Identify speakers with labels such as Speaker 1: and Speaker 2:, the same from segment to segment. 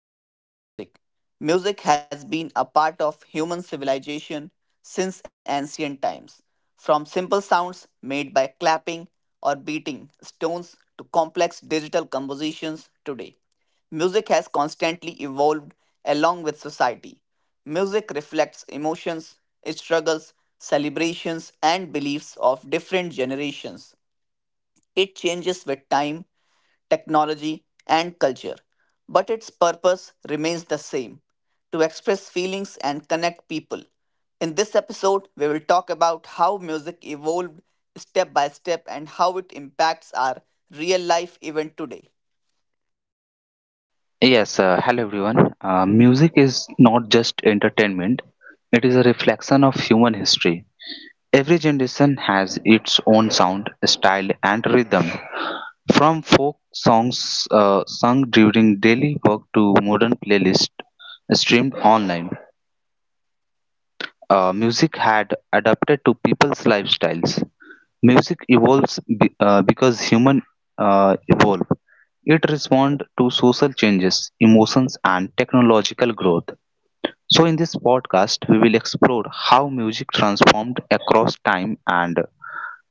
Speaker 1: evolution of music. Music has been a part of human civilization since ancient times, from simple sounds made by clapping or beating stones to complex digital compositions today. Music has constantly evolved along with society. Music reflects emotions, struggles, celebrations, and beliefs of different generations. It changes with time, technology, and culture, but its purpose remains the same to express feelings and connect people. In this episode, we will talk about how music evolved step by step and how it impacts our real life even today.
Speaker 2: Yes, hello everyone. Music is not just entertainment, it is a reflection of human history. Every generation has its own sound, style, and rhythm. From folk songs sung during daily work to modern playlists streamed online, music had adapted to people's lifestyles. Music evolves because human evolve. It responds to social changes, emotions, and technological growth. So in this podcast, we will explore how music transformed across time and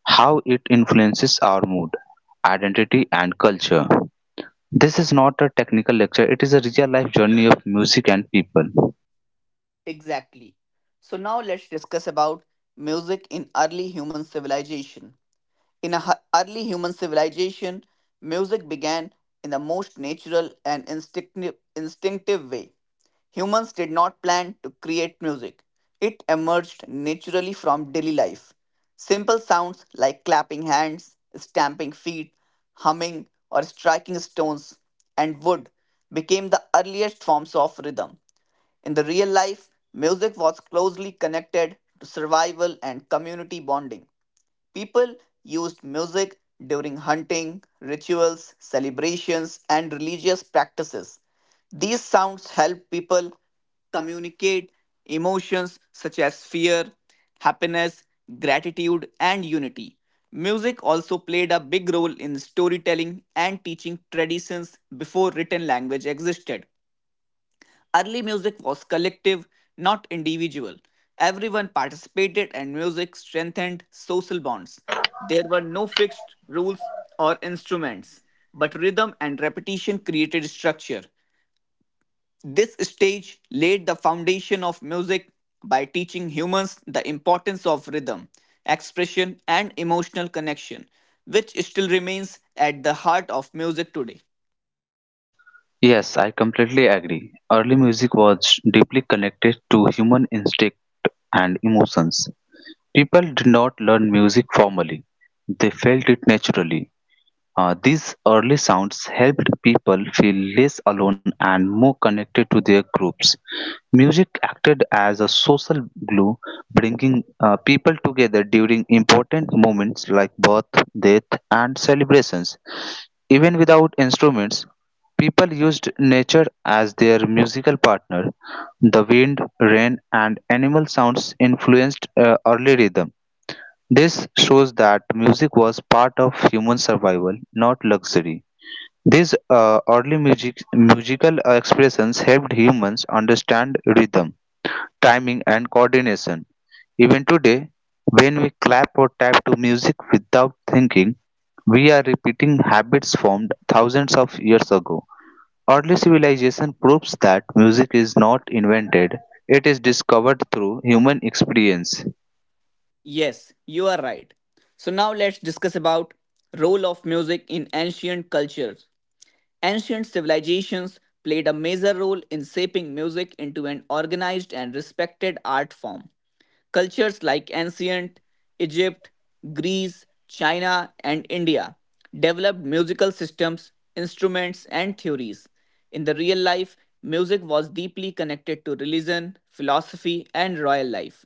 Speaker 2: how it influences our mood, identity, and culture. This is not a technical lecture, it is a real life journey of music and people.
Speaker 1: Exactly. So now let's discuss about music in early human civilization. Early human civilization, music began in the most natural and instinctive way. Humans did not plan to create music. It emerged naturally from daily life. Simple sounds like clapping hands, stamping feet, humming, or striking stones and wood became the earliest forms of rhythm. In the real life, music was closely connected to survival and community bonding. People used music during hunting, rituals, celebrations, and religious practices. These sounds help people communicate emotions such as fear, happiness, gratitude, and unity. Music also played a big role in storytelling and teaching traditions before written language existed. Early music was collective, not individual. Everyone participated, and music strengthened social bonds. There were no fixed rules or instruments, but rhythm and repetition created structure. This stage laid the foundation of music by teaching humans the importance of rhythm, expression, and emotional connection, which still remains at the heart of music today.
Speaker 2: Yes, I completely agree. Early music was deeply connected to human instinct and emotions. People did not learn music formally, they felt it naturally. These early sounds helped people feel less alone and more connected to their groups. Music acted as a social glue, bringing people together during important moments like birth, death, and celebrations. Even without instruments, people used nature as their musical partner. The wind, rain, and animal sounds influenced early rhythm. This shows that music was part of human survival, not luxury. These musical expressions helped humans understand rhythm, timing, and coordination. Even today, when we clap or tap to music without thinking, we are repeating habits formed thousands of years ago. Early civilization proves that music is not invented, it is discovered through human experience.
Speaker 1: Yes, you are right. So now let's discuss about role of music in ancient cultures. Ancient civilizations played a major role in shaping music into an organized and respected art form. Cultures like ancient Egypt, Greece, China, and India developed musical systems, instruments, and theories. In the real life, music was deeply connected to religion, philosophy, and royal life.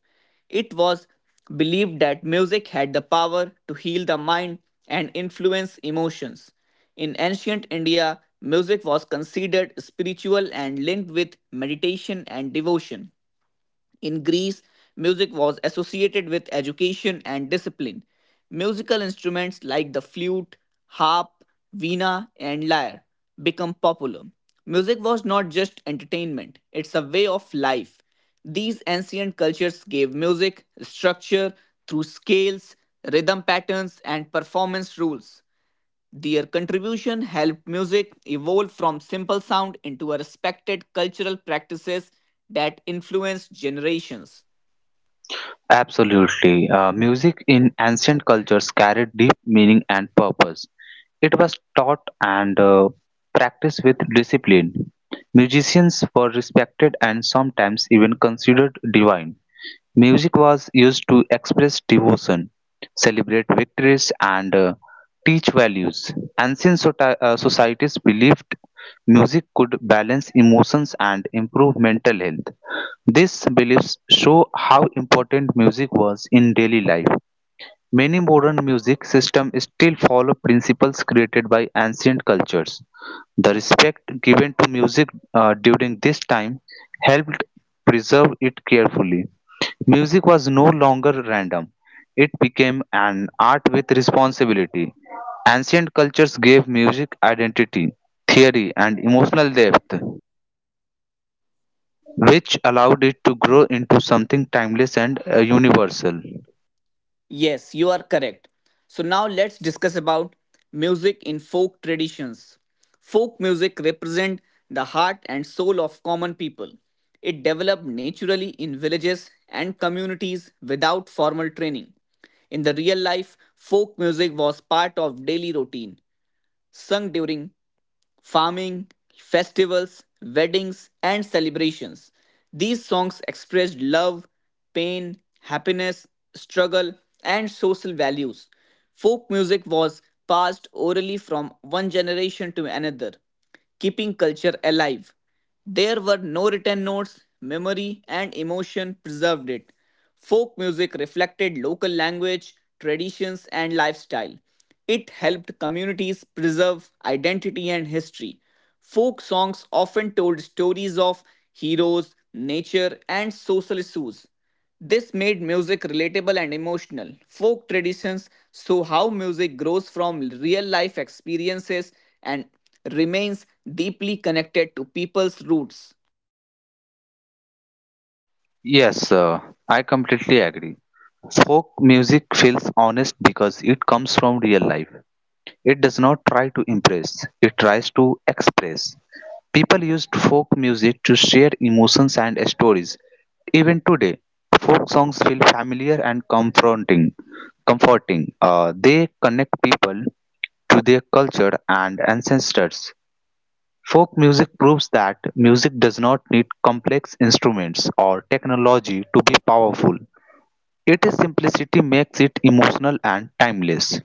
Speaker 1: It was believed that music had the power to heal the mind and influence emotions. In ancient India, music was considered spiritual and linked with meditation and devotion. In Greece, music was associated with education and discipline. Musical instruments like the flute, harp, veena, and lyre become popular. Music was not just entertainment, it's a way of life. These ancient cultures gave music structure through scales, rhythm patterns, and performance rules. Their contribution helped music evolve from simple sound into a respected cultural practices that influenced generations.
Speaker 2: Absolutely. Music in ancient cultures carried deep meaning and purpose. It was taught and practiced with discipline. Musicians were respected and sometimes even considered divine. Music was used to express devotion, celebrate victories, and teach values. Ancient societies believed music could balance emotions and improve mental health. These beliefs show how important music was in daily life. Many modern music systems still follow principles created by ancient cultures. The respect given to music during this time helped preserve it carefully. Music was no longer random, it became an art with responsibility. Ancient cultures gave music identity, theory, and emotional depth, which allowed it to grow into something timeless and universal.
Speaker 1: Yes, you are correct. So now let's discuss about music in folk traditions. Folk music represent the heart and soul of common people. It developed naturally in villages and communities without formal training. In the real life, folk music was part of daily routine, sung during farming, festivals, weddings, and celebrations. These songs expressed love, pain, happiness, struggle, and social values. Folk music was passed orally from one generation to another keeping culture alive. There were no written notes, memory and emotion preserved it. Folk music reflected local language, traditions, and lifestyle. It helped communities preserve identity and history. Folk songs often told stories of heroes, nature, and social issues. This made music relatable and emotional. Folk traditions show how music grows from real life experiences and remains deeply connected to people's roots.
Speaker 2: Yes, I completely agree. Folk music feels honest because it comes from real life. It does not try to impress, it tries to express. People used folk music to share emotions and stories. Even today, folk songs feel familiar and comforting. They connect people to their culture and ancestors. Folk music proves that music does not need complex instruments or technology to be powerful. Its simplicity makes it emotional and timeless.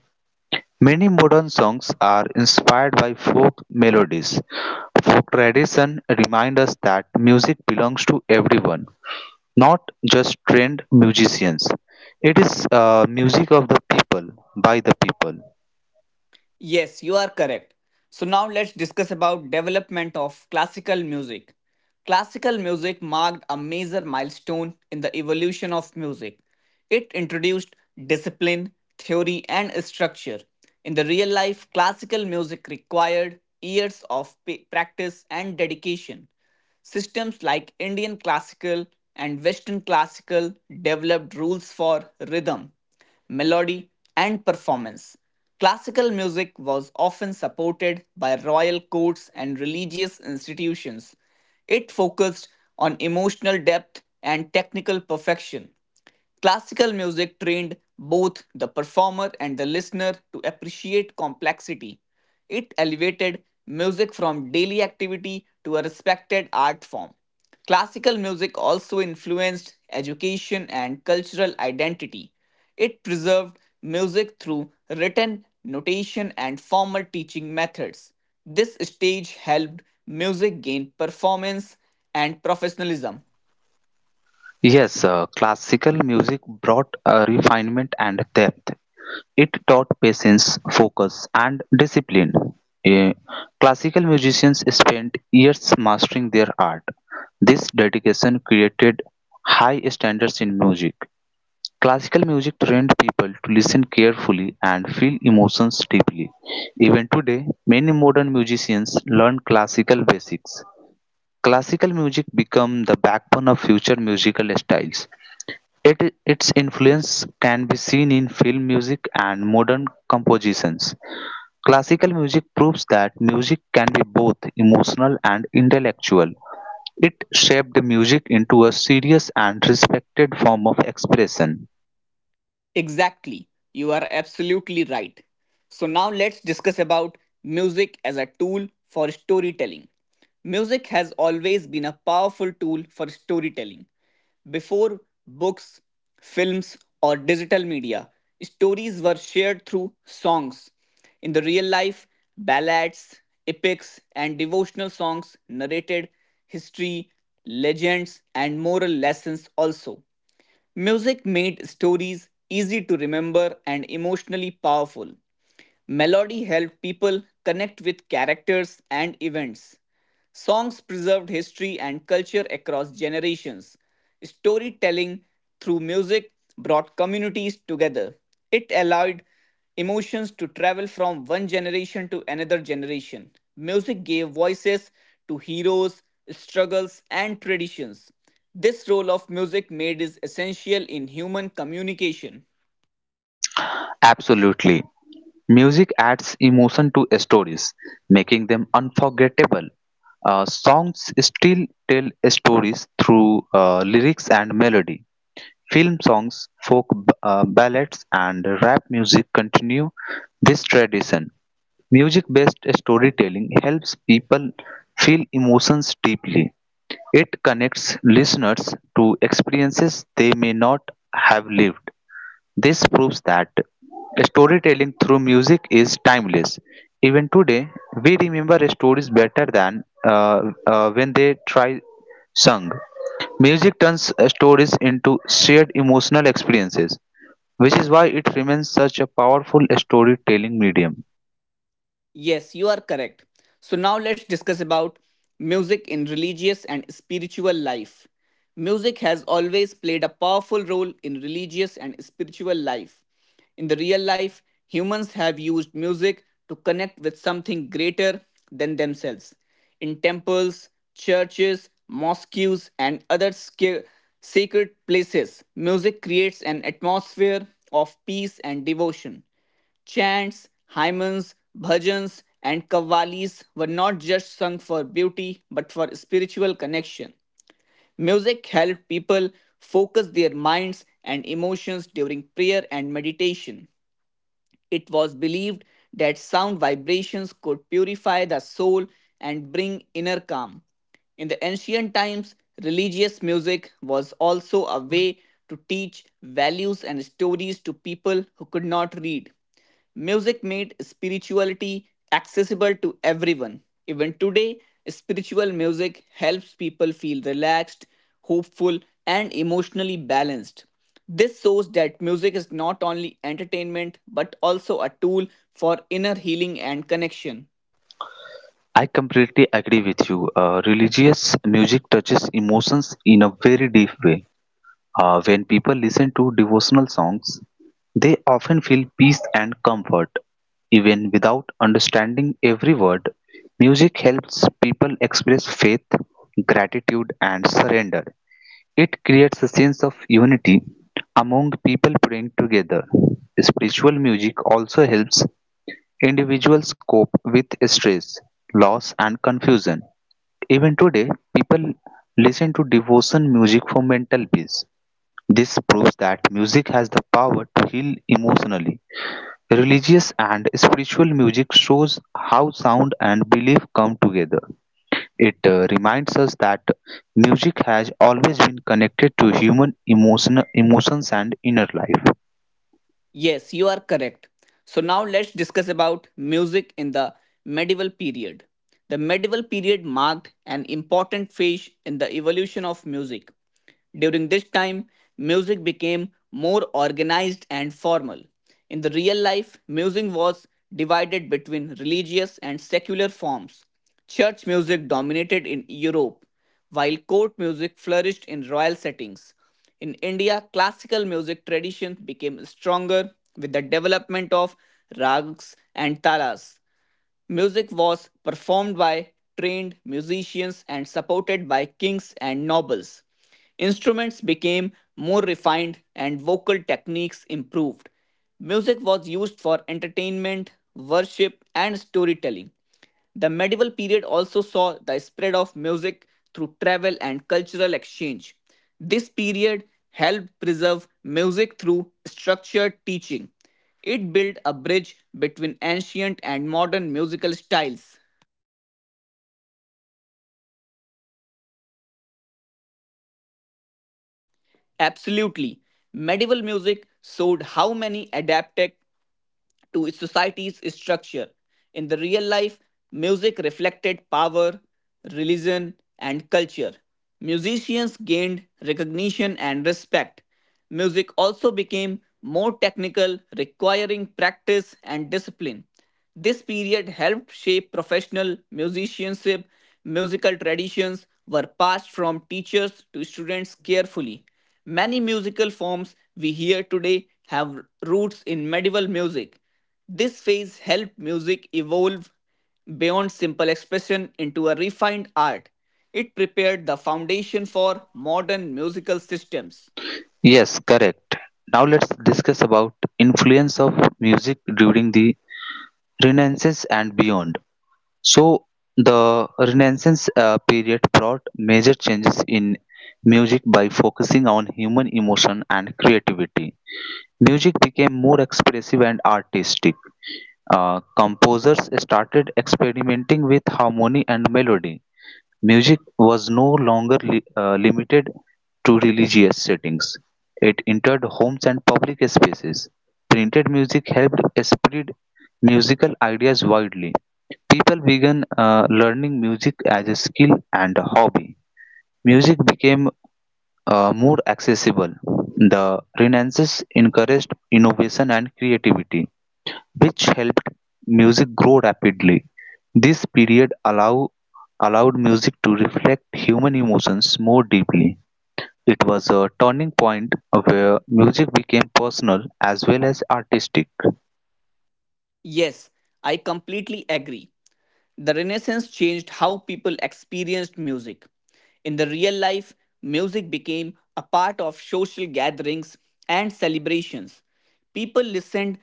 Speaker 2: Many modern songs are inspired by folk melodies. Folk tradition reminds us that music belongs to everyone, not just trained musicians. It is music of the people, by the people.
Speaker 1: Yes, you are correct. So now let's discuss about development of classical music. Classical music marked a major milestone in the evolution of music. It introduced discipline, theory and structure. In the real life, classical music required years of practice and dedication. Systems like Indian classical and Western classical developed rules for rhythm, melody, and performance. Classical music was often supported by royal courts and religious institutions. It focused on emotional depth and technical perfection. Classical music trained both the performer and the listener to appreciate complexity. It elevated music from daily activity to a respected art form. Classical music also influenced education and cultural identity. It preserved music through written notation and formal teaching methods. This stage helped music gain performance and professionalism.
Speaker 2: Yes, classical music brought a refinement and depth. It taught patience, focus, and discipline. Eh, Classical musicians spent years mastering their art. This dedication created high standards in music. Classical music trained people to listen carefully and feel emotions deeply. Even today, many modern musicians learn classical basics. Classical music became the backbone of future musical styles. It, Its influence can be seen in film music and modern compositions. Classical music proves that music can be both emotional and intellectual. It shaped music into a serious and respected form of expression.
Speaker 1: Exactly. You are absolutely right. So now let's discuss about music as a tool for storytelling. Music has always been a powerful tool for storytelling. Before books, films, or digital media, stories were shared through songs. In the real life, ballads, epics, and devotional songs narrated history, legends, and moral lessons also. Music made stories easy to remember and emotionally powerful. Melody helped people connect with characters and events. Songs preserved history and culture across generations. Storytelling through music brought communities together. It allowed emotions to travel from one generation to another generation. Music gave voices to heroes, struggles, and traditions. This role of music made is essential in human communication.
Speaker 2: Absolutely. Music adds emotion to stories, making them unforgettable. Songs still tell stories through lyrics and melody. Film songs, ballads, and rap music continue this tradition. Music-based storytelling helps people feel emotions deeply. It connects listeners to experiences they may not have lived. This proves that storytelling through music is timeless. Even today, we remember stories better than when they try sung. Music turns stories into shared emotional experiences, which is why it remains such a powerful storytelling medium.
Speaker 1: Yes, you are correct. So now let's discuss about music in religious and spiritual life. Music has always played a powerful role in religious and spiritual life. In the real life, humans have used music to connect with something greater than themselves. In temples, churches, mosques, and other sacred places, music creates an atmosphere of peace and devotion. Chants, hymns, bhajans, and kavalis were not just sung for beauty but for spiritual connection. Music helped people focus their minds and emotions during prayer and meditation. It was believed that sound vibrations could purify the soul and bring inner calm. In the ancient times, religious music was also a way to teach values and stories to people who could not read. Music made spirituality accessible to everyone. Even today, spiritual music helps people feel relaxed, hopeful, and emotionally balanced. This shows that music is not only entertainment but also a tool for inner healing and connection.
Speaker 2: I completely agree with you. Religious music touches emotions in a very deep way. When people listen to devotional songs, they often feel peace and comfort. Even without understanding every word, music helps people express faith, gratitude, and surrender. It creates a sense of unity among people praying together. Spiritual music also helps individuals cope with stress, loss, and confusion. Even today, people listen to devotion music for mental peace. This proves that music has the power to heal emotionally. Religious and spiritual music shows how sound and belief come together. It reminds us that music has always been connected to emotions and inner life.
Speaker 1: Yes, you are correct. So now let's discuss about music in the medieval period. The medieval period marked an important phase in the evolution of music. During this time, music became more organized and formal. In the real life, music was divided between religious and secular forms. Church music dominated in Europe, while court music flourished in royal settings. In India, classical music tradition became stronger with the development of rags and talas. Music was performed by trained musicians and supported by kings and nobles. Instruments became more refined and vocal techniques improved. Music was used for entertainment, worship, and storytelling. The medieval period also saw the spread of music through travel and cultural exchange. This period helped preserve music through structured teaching. It built a bridge between ancient and modern musical styles. Absolutely. Medieval music showed how many adapted to society's structure. In the real life, music reflected power, religion, and culture. Musicians gained recognition and respect. Music also became more technical, requiring practice and discipline. This period helped shape professional musicianship. Musical traditions were passed from teachers to students carefully. Many musical forms we hear today have roots in medieval music. This phase helped music evolve beyond simple expression into a refined art. It prepared the foundation for modern musical systems.
Speaker 2: Yes, correct. Now let's discuss about influence of music during the Renaissance and beyond. So the Renaissance period brought major changes in music by focusing on human emotion and creativity. Music became more expressive and artistic. Composers started experimenting with harmony and melody. Music was no longer limited to religious settings. It entered homes and public spaces. Printed music helped spread musical ideas widely. People began learning music as a skill and a hobby. Music became more accessible. The Renaissance encouraged innovation and creativity, which helped music grow rapidly. This period allowed music to reflect human emotions more deeply. It was a turning point where music became personal as well as artistic.
Speaker 1: Yes, I completely agree. The Renaissance changed how people experienced music. In the real life, music became a part of social gatherings and celebrations. People listened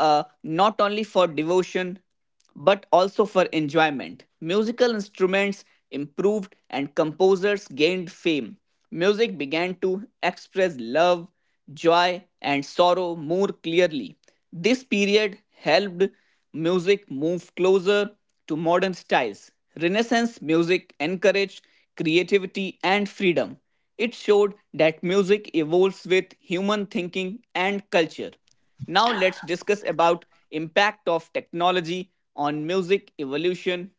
Speaker 1: not only for devotion but also for enjoyment. Musical instruments improved and composers gained fame. Music began to express love, joy, and sorrow more clearly. This period helped music moved closer to modern styles. Renaissance music encouraged creativity and freedom. It showed that music evolves with human thinking and culture. Now let's discuss about impact of technology on music evolution.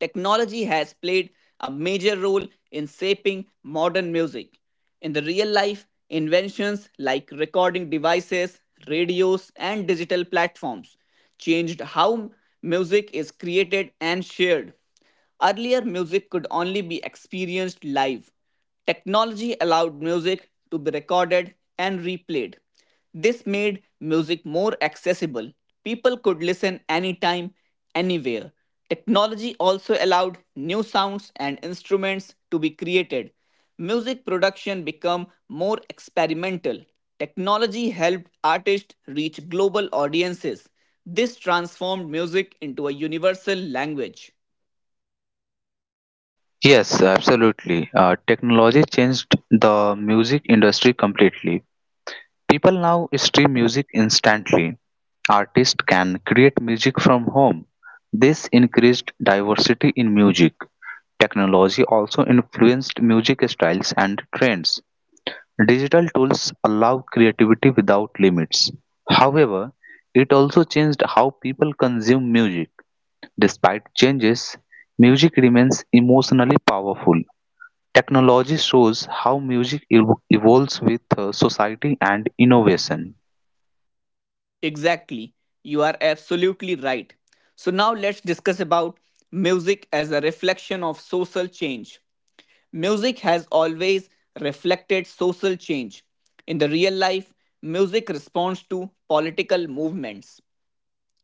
Speaker 1: Technology has played a major role in shaping modern music. In the real life, inventions like recording devices, radios, and digital platforms changed how music is created and shared. Earlier, music could only be experienced live. Technology allowed music to be recorded and replayed. This made music more accessible. People could listen anytime, anywhere. Technology also allowed new sounds and instruments to be created. Music production became more experimental. Technology helped artists reach global audiences. This transformed music into a universal language.
Speaker 2: Yes, absolutely. Technology changed the music industry completely. People now stream music instantly. Artists can create music from home. This increased diversity in music. Technology also influenced music styles and trends. Digital tools allow creativity without limits. However, it also changed how people consume music. Despite changes, music remains emotionally powerful. Technology shows how music evolves with society and innovation.
Speaker 1: Exactly. You are absolutely right. So now let's discuss about music as a reflection of social change. Music has always reflected social change. In the real life, music responds to political movements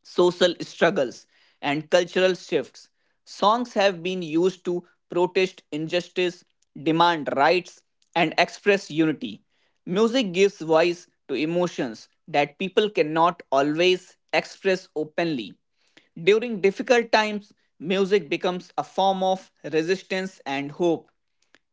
Speaker 1: social struggles, and cultural shifts. Songs have been used to protest injustice, demand rights, and express unity. Music gives voice to emotions that people cannot always express openly. During difficult times, music becomes a form of resistance and hope.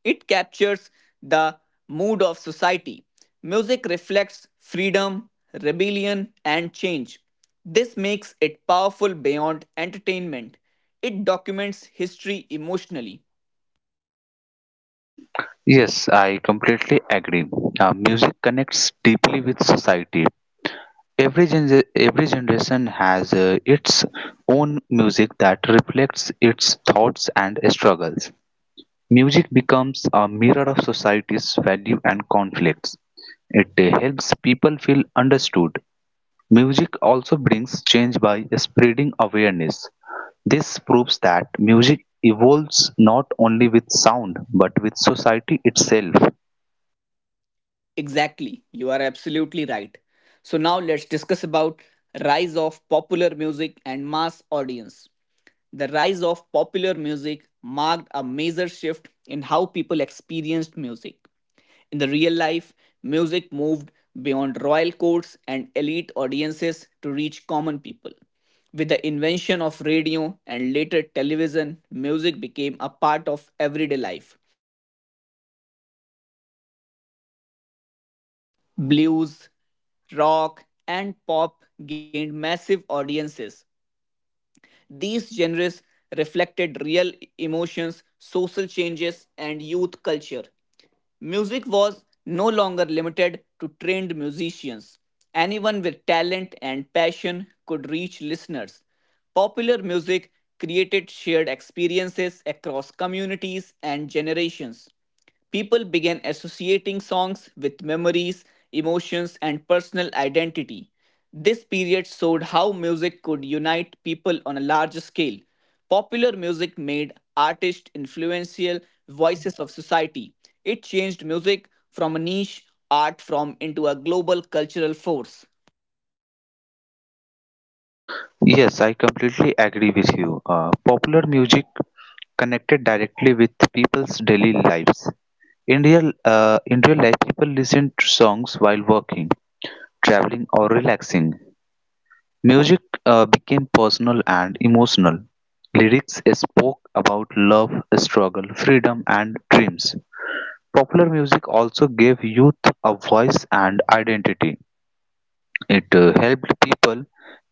Speaker 1: It captures the mood of society. Music reflects freedom, rebellion, and change. This makes it powerful beyond entertainment. It documents history emotionally.
Speaker 2: Yes, I completely agree. Music connects deeply with society. Every generation has its own music that reflects its thoughts and struggles. Music becomes a mirror of society's value and conflicts. It helps people feel understood. Music also brings change by spreading awareness. This proves that music evolves not only with sound but with society itself.
Speaker 1: Exactly, you are absolutely right. So now let's discuss about rise of popular music and mass audience. The rise of popular music marked a major shift in how people experienced music. In the real life, music moved beyond royal courts and elite audiences to reach common people. With the invention of radio and later television, music became a part of everyday life.
Speaker 3: Blues, rock, and pop gained massive audiences; these genres reflected real emotions, social changes, and youth culture. Music was no longer limited to trained musicians. Anyone with talent and passion could reach listeners. Popular music created shared experiences across communities and generations. People began associating songs with memories, emotions, and personal identity. This period showed how music could unite people on a large scale. Popular music made artists influential voices of society. It changed music from a niche art form into a global cultural force.
Speaker 2: Yes, I completely agree with you. Popular music connected directly with people's daily lives. In real life, people listen to songs while working, traveling, or relaxing. Music became personal and emotional. Lyrics spoke about love, struggle, freedom, and dreams. Popular music also gave youth a voice and identity. It helped people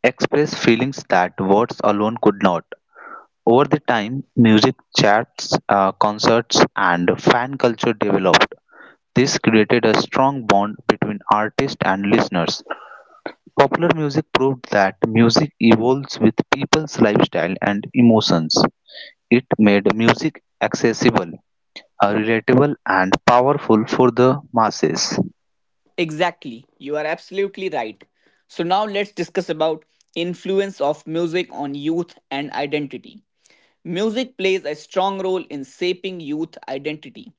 Speaker 2: express feelings that words alone could not. Over the time, music chats, concerts, and fan culture developed. This created a strong bond between artists and listeners. Popular music proved that music evolves with people's lifestyle and emotions. It made music accessible, relatable, and powerful for the masses.
Speaker 3: Exactly. You are absolutely right. So now let's discuss about influence of music on youth and identity. Music plays a strong role in shaping youth identity.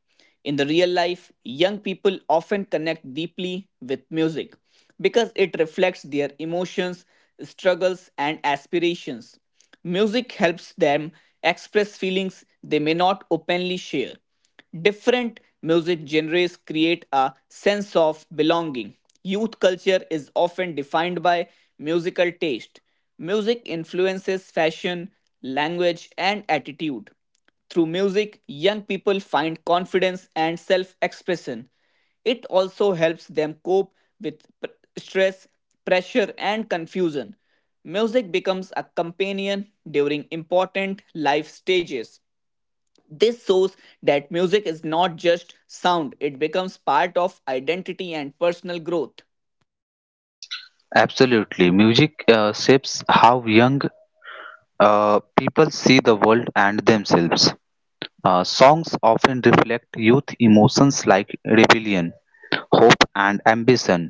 Speaker 3: In the real life, young people often connect deeply with music because it reflects their emotions, struggles, and aspirations. Music helps them express feelings they may not openly share. Different music genres create a sense of belonging. Youth culture is often defined by musical taste. Music influences fashion, language, and attitude. Through music, young people find confidence and self expression. It also helps them cope with stress, pressure, and confusion. Music becomes a companion during important life stages. This shows that music is not just sound, it becomes part of identity and personal growth.
Speaker 2: Absolutely, music shapes how young people see the world and themselves. Songs often reflect youth emotions like rebellion, hope, and ambition.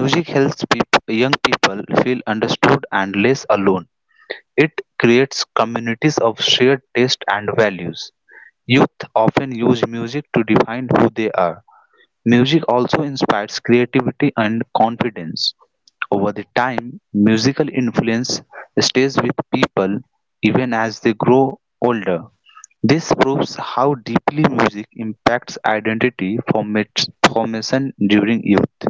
Speaker 2: Music helps young people feel understood and less alone. It creates communities of shared taste and values. Youth often use music to define who they are. Music also inspires creativity and confidence. Over the time, musical influence stays with people even as they grow older. This proves how deeply music impacts identity formation during youth.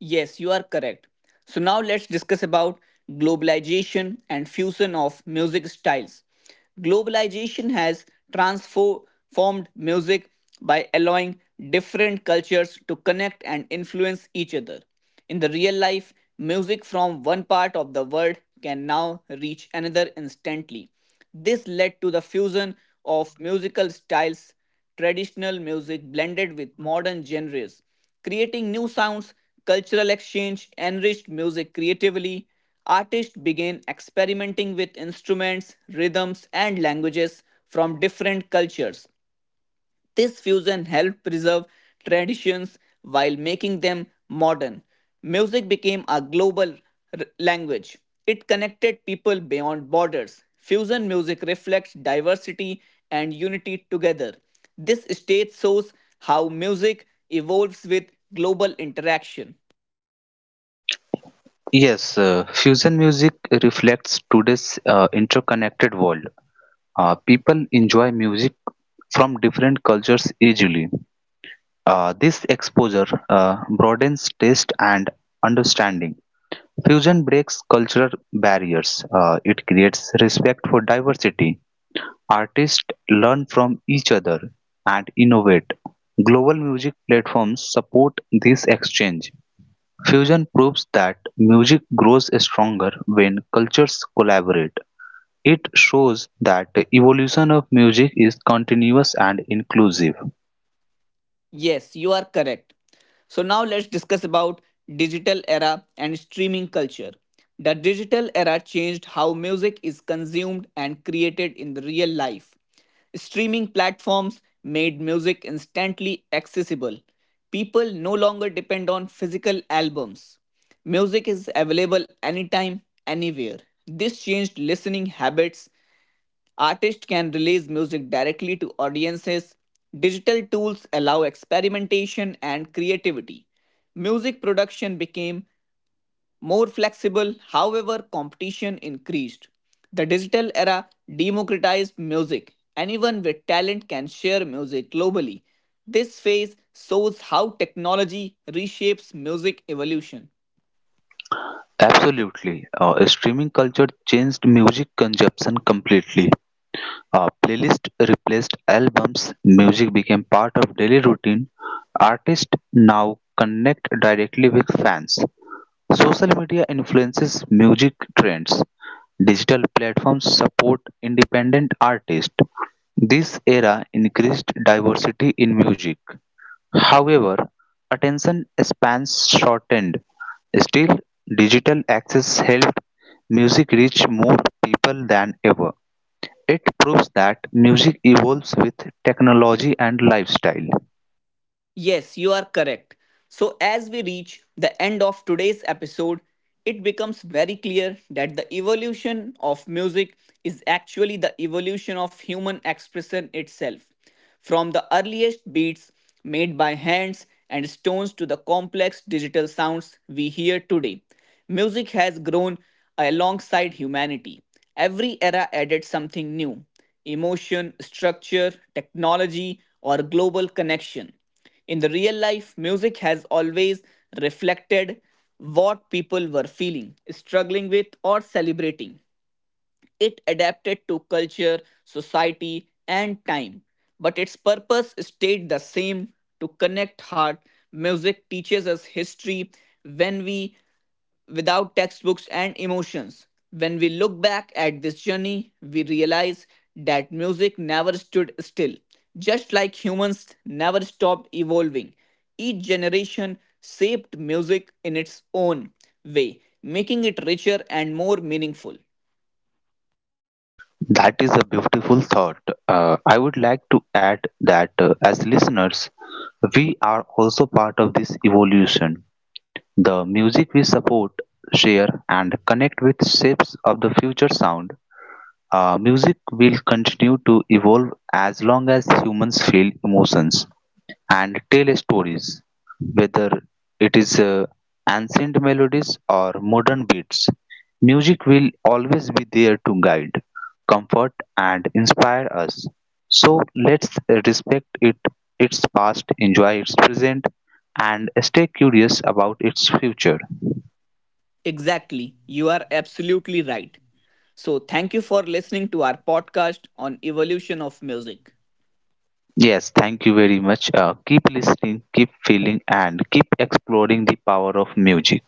Speaker 3: Yes, you are correct. So now let's discuss about globalization and fusion of music styles. Globalization has transformed music by allowing different cultures to connect and influence each other. In the real life, music from one part of the world can now reach another instantly. This led to the fusion of musical styles traditional music blended with modern genres, creating new sounds, cultural exchange, enriched music creatively. Artists began experimenting with instruments, rhythms, and languages from different cultures, this fusion helped preserve traditions while making them modern. Music became a global language. It connected people beyond borders. Fusion music reflects diversity and unity together. This stage shows how music evolves with global interaction.
Speaker 2: Yes, fusion music reflects today's interconnected world. People enjoy music from different cultures easily. This exposure broadens taste and understanding. Fusion breaks cultural barriers. It creates respect for diversity. Artists learn from each other and innovate. Global music platforms support this exchange. Fusion proves that music grows stronger when cultures collaborate. It shows that the evolution of music is continuous and inclusive.
Speaker 3: Yes, you are correct. So now let's discuss about digital era and streaming culture. The digital era changed how music is consumed and created in the real life. Streaming platforms made music instantly accessible. People no longer depend on physical albums. Music is available anytime, anywhere. This changed listening habits. Artists can release music directly to audiences. Digital tools allow experimentation and creativity. Music production became more flexible; however, competition increased. The digital era democratized music. Anyone with talent can share music globally. This phase shows how technology reshapes music evolution.
Speaker 2: Absolutely. Streaming culture changed music consumption completely. A playlist replaced albums, music became part of daily routine, artists now connect directly with fans. Social media influences music trends. Digital platforms support independent artists. This era increased diversity in music. However, attention spans shortened. Still, digital access helped music reach more people than ever. It proves that music evolves with technology and lifestyle.
Speaker 3: Yes, you are correct. So, as we reach the end of today's episode, it becomes very clear that the evolution of music is actually the evolution of human expression itself. From the earliest beats made by hands and stones to the complex digital sounds we hear today, music has grown alongside humanity. Every era added something new emotion, structure, technology, or global connection. In the real life, music has always reflected what people were feeling, struggling with, or celebrating. It adapted to culture, society, and time, but its purpose stayed the same to connect heart. Music teaches us history when we without textbooks and emotions. When we look back at this journey, we realize that music never stood still. Just like humans never stopped evolving, each generation shaped music in its own way, making it richer and more meaningful.
Speaker 2: That is a beautiful thought. I would like to add that as listeners, we are also part of this evolution. The music we support, share, and connect with shapes of the future sound. Music will continue to evolve as long as humans feel emotions and tell stories, whether it is ancient melodies or modern beats. Music will always be there to guide, comfort, and inspire us. So let's respect it, its past, enjoy its present, and stay curious about its future.
Speaker 3: Exactly, you are absolutely right. So, thank you for listening to our podcast on evolution of music.
Speaker 2: Yes, thank you very much. Keep listening, keep feeling, and keep exploring the power of music.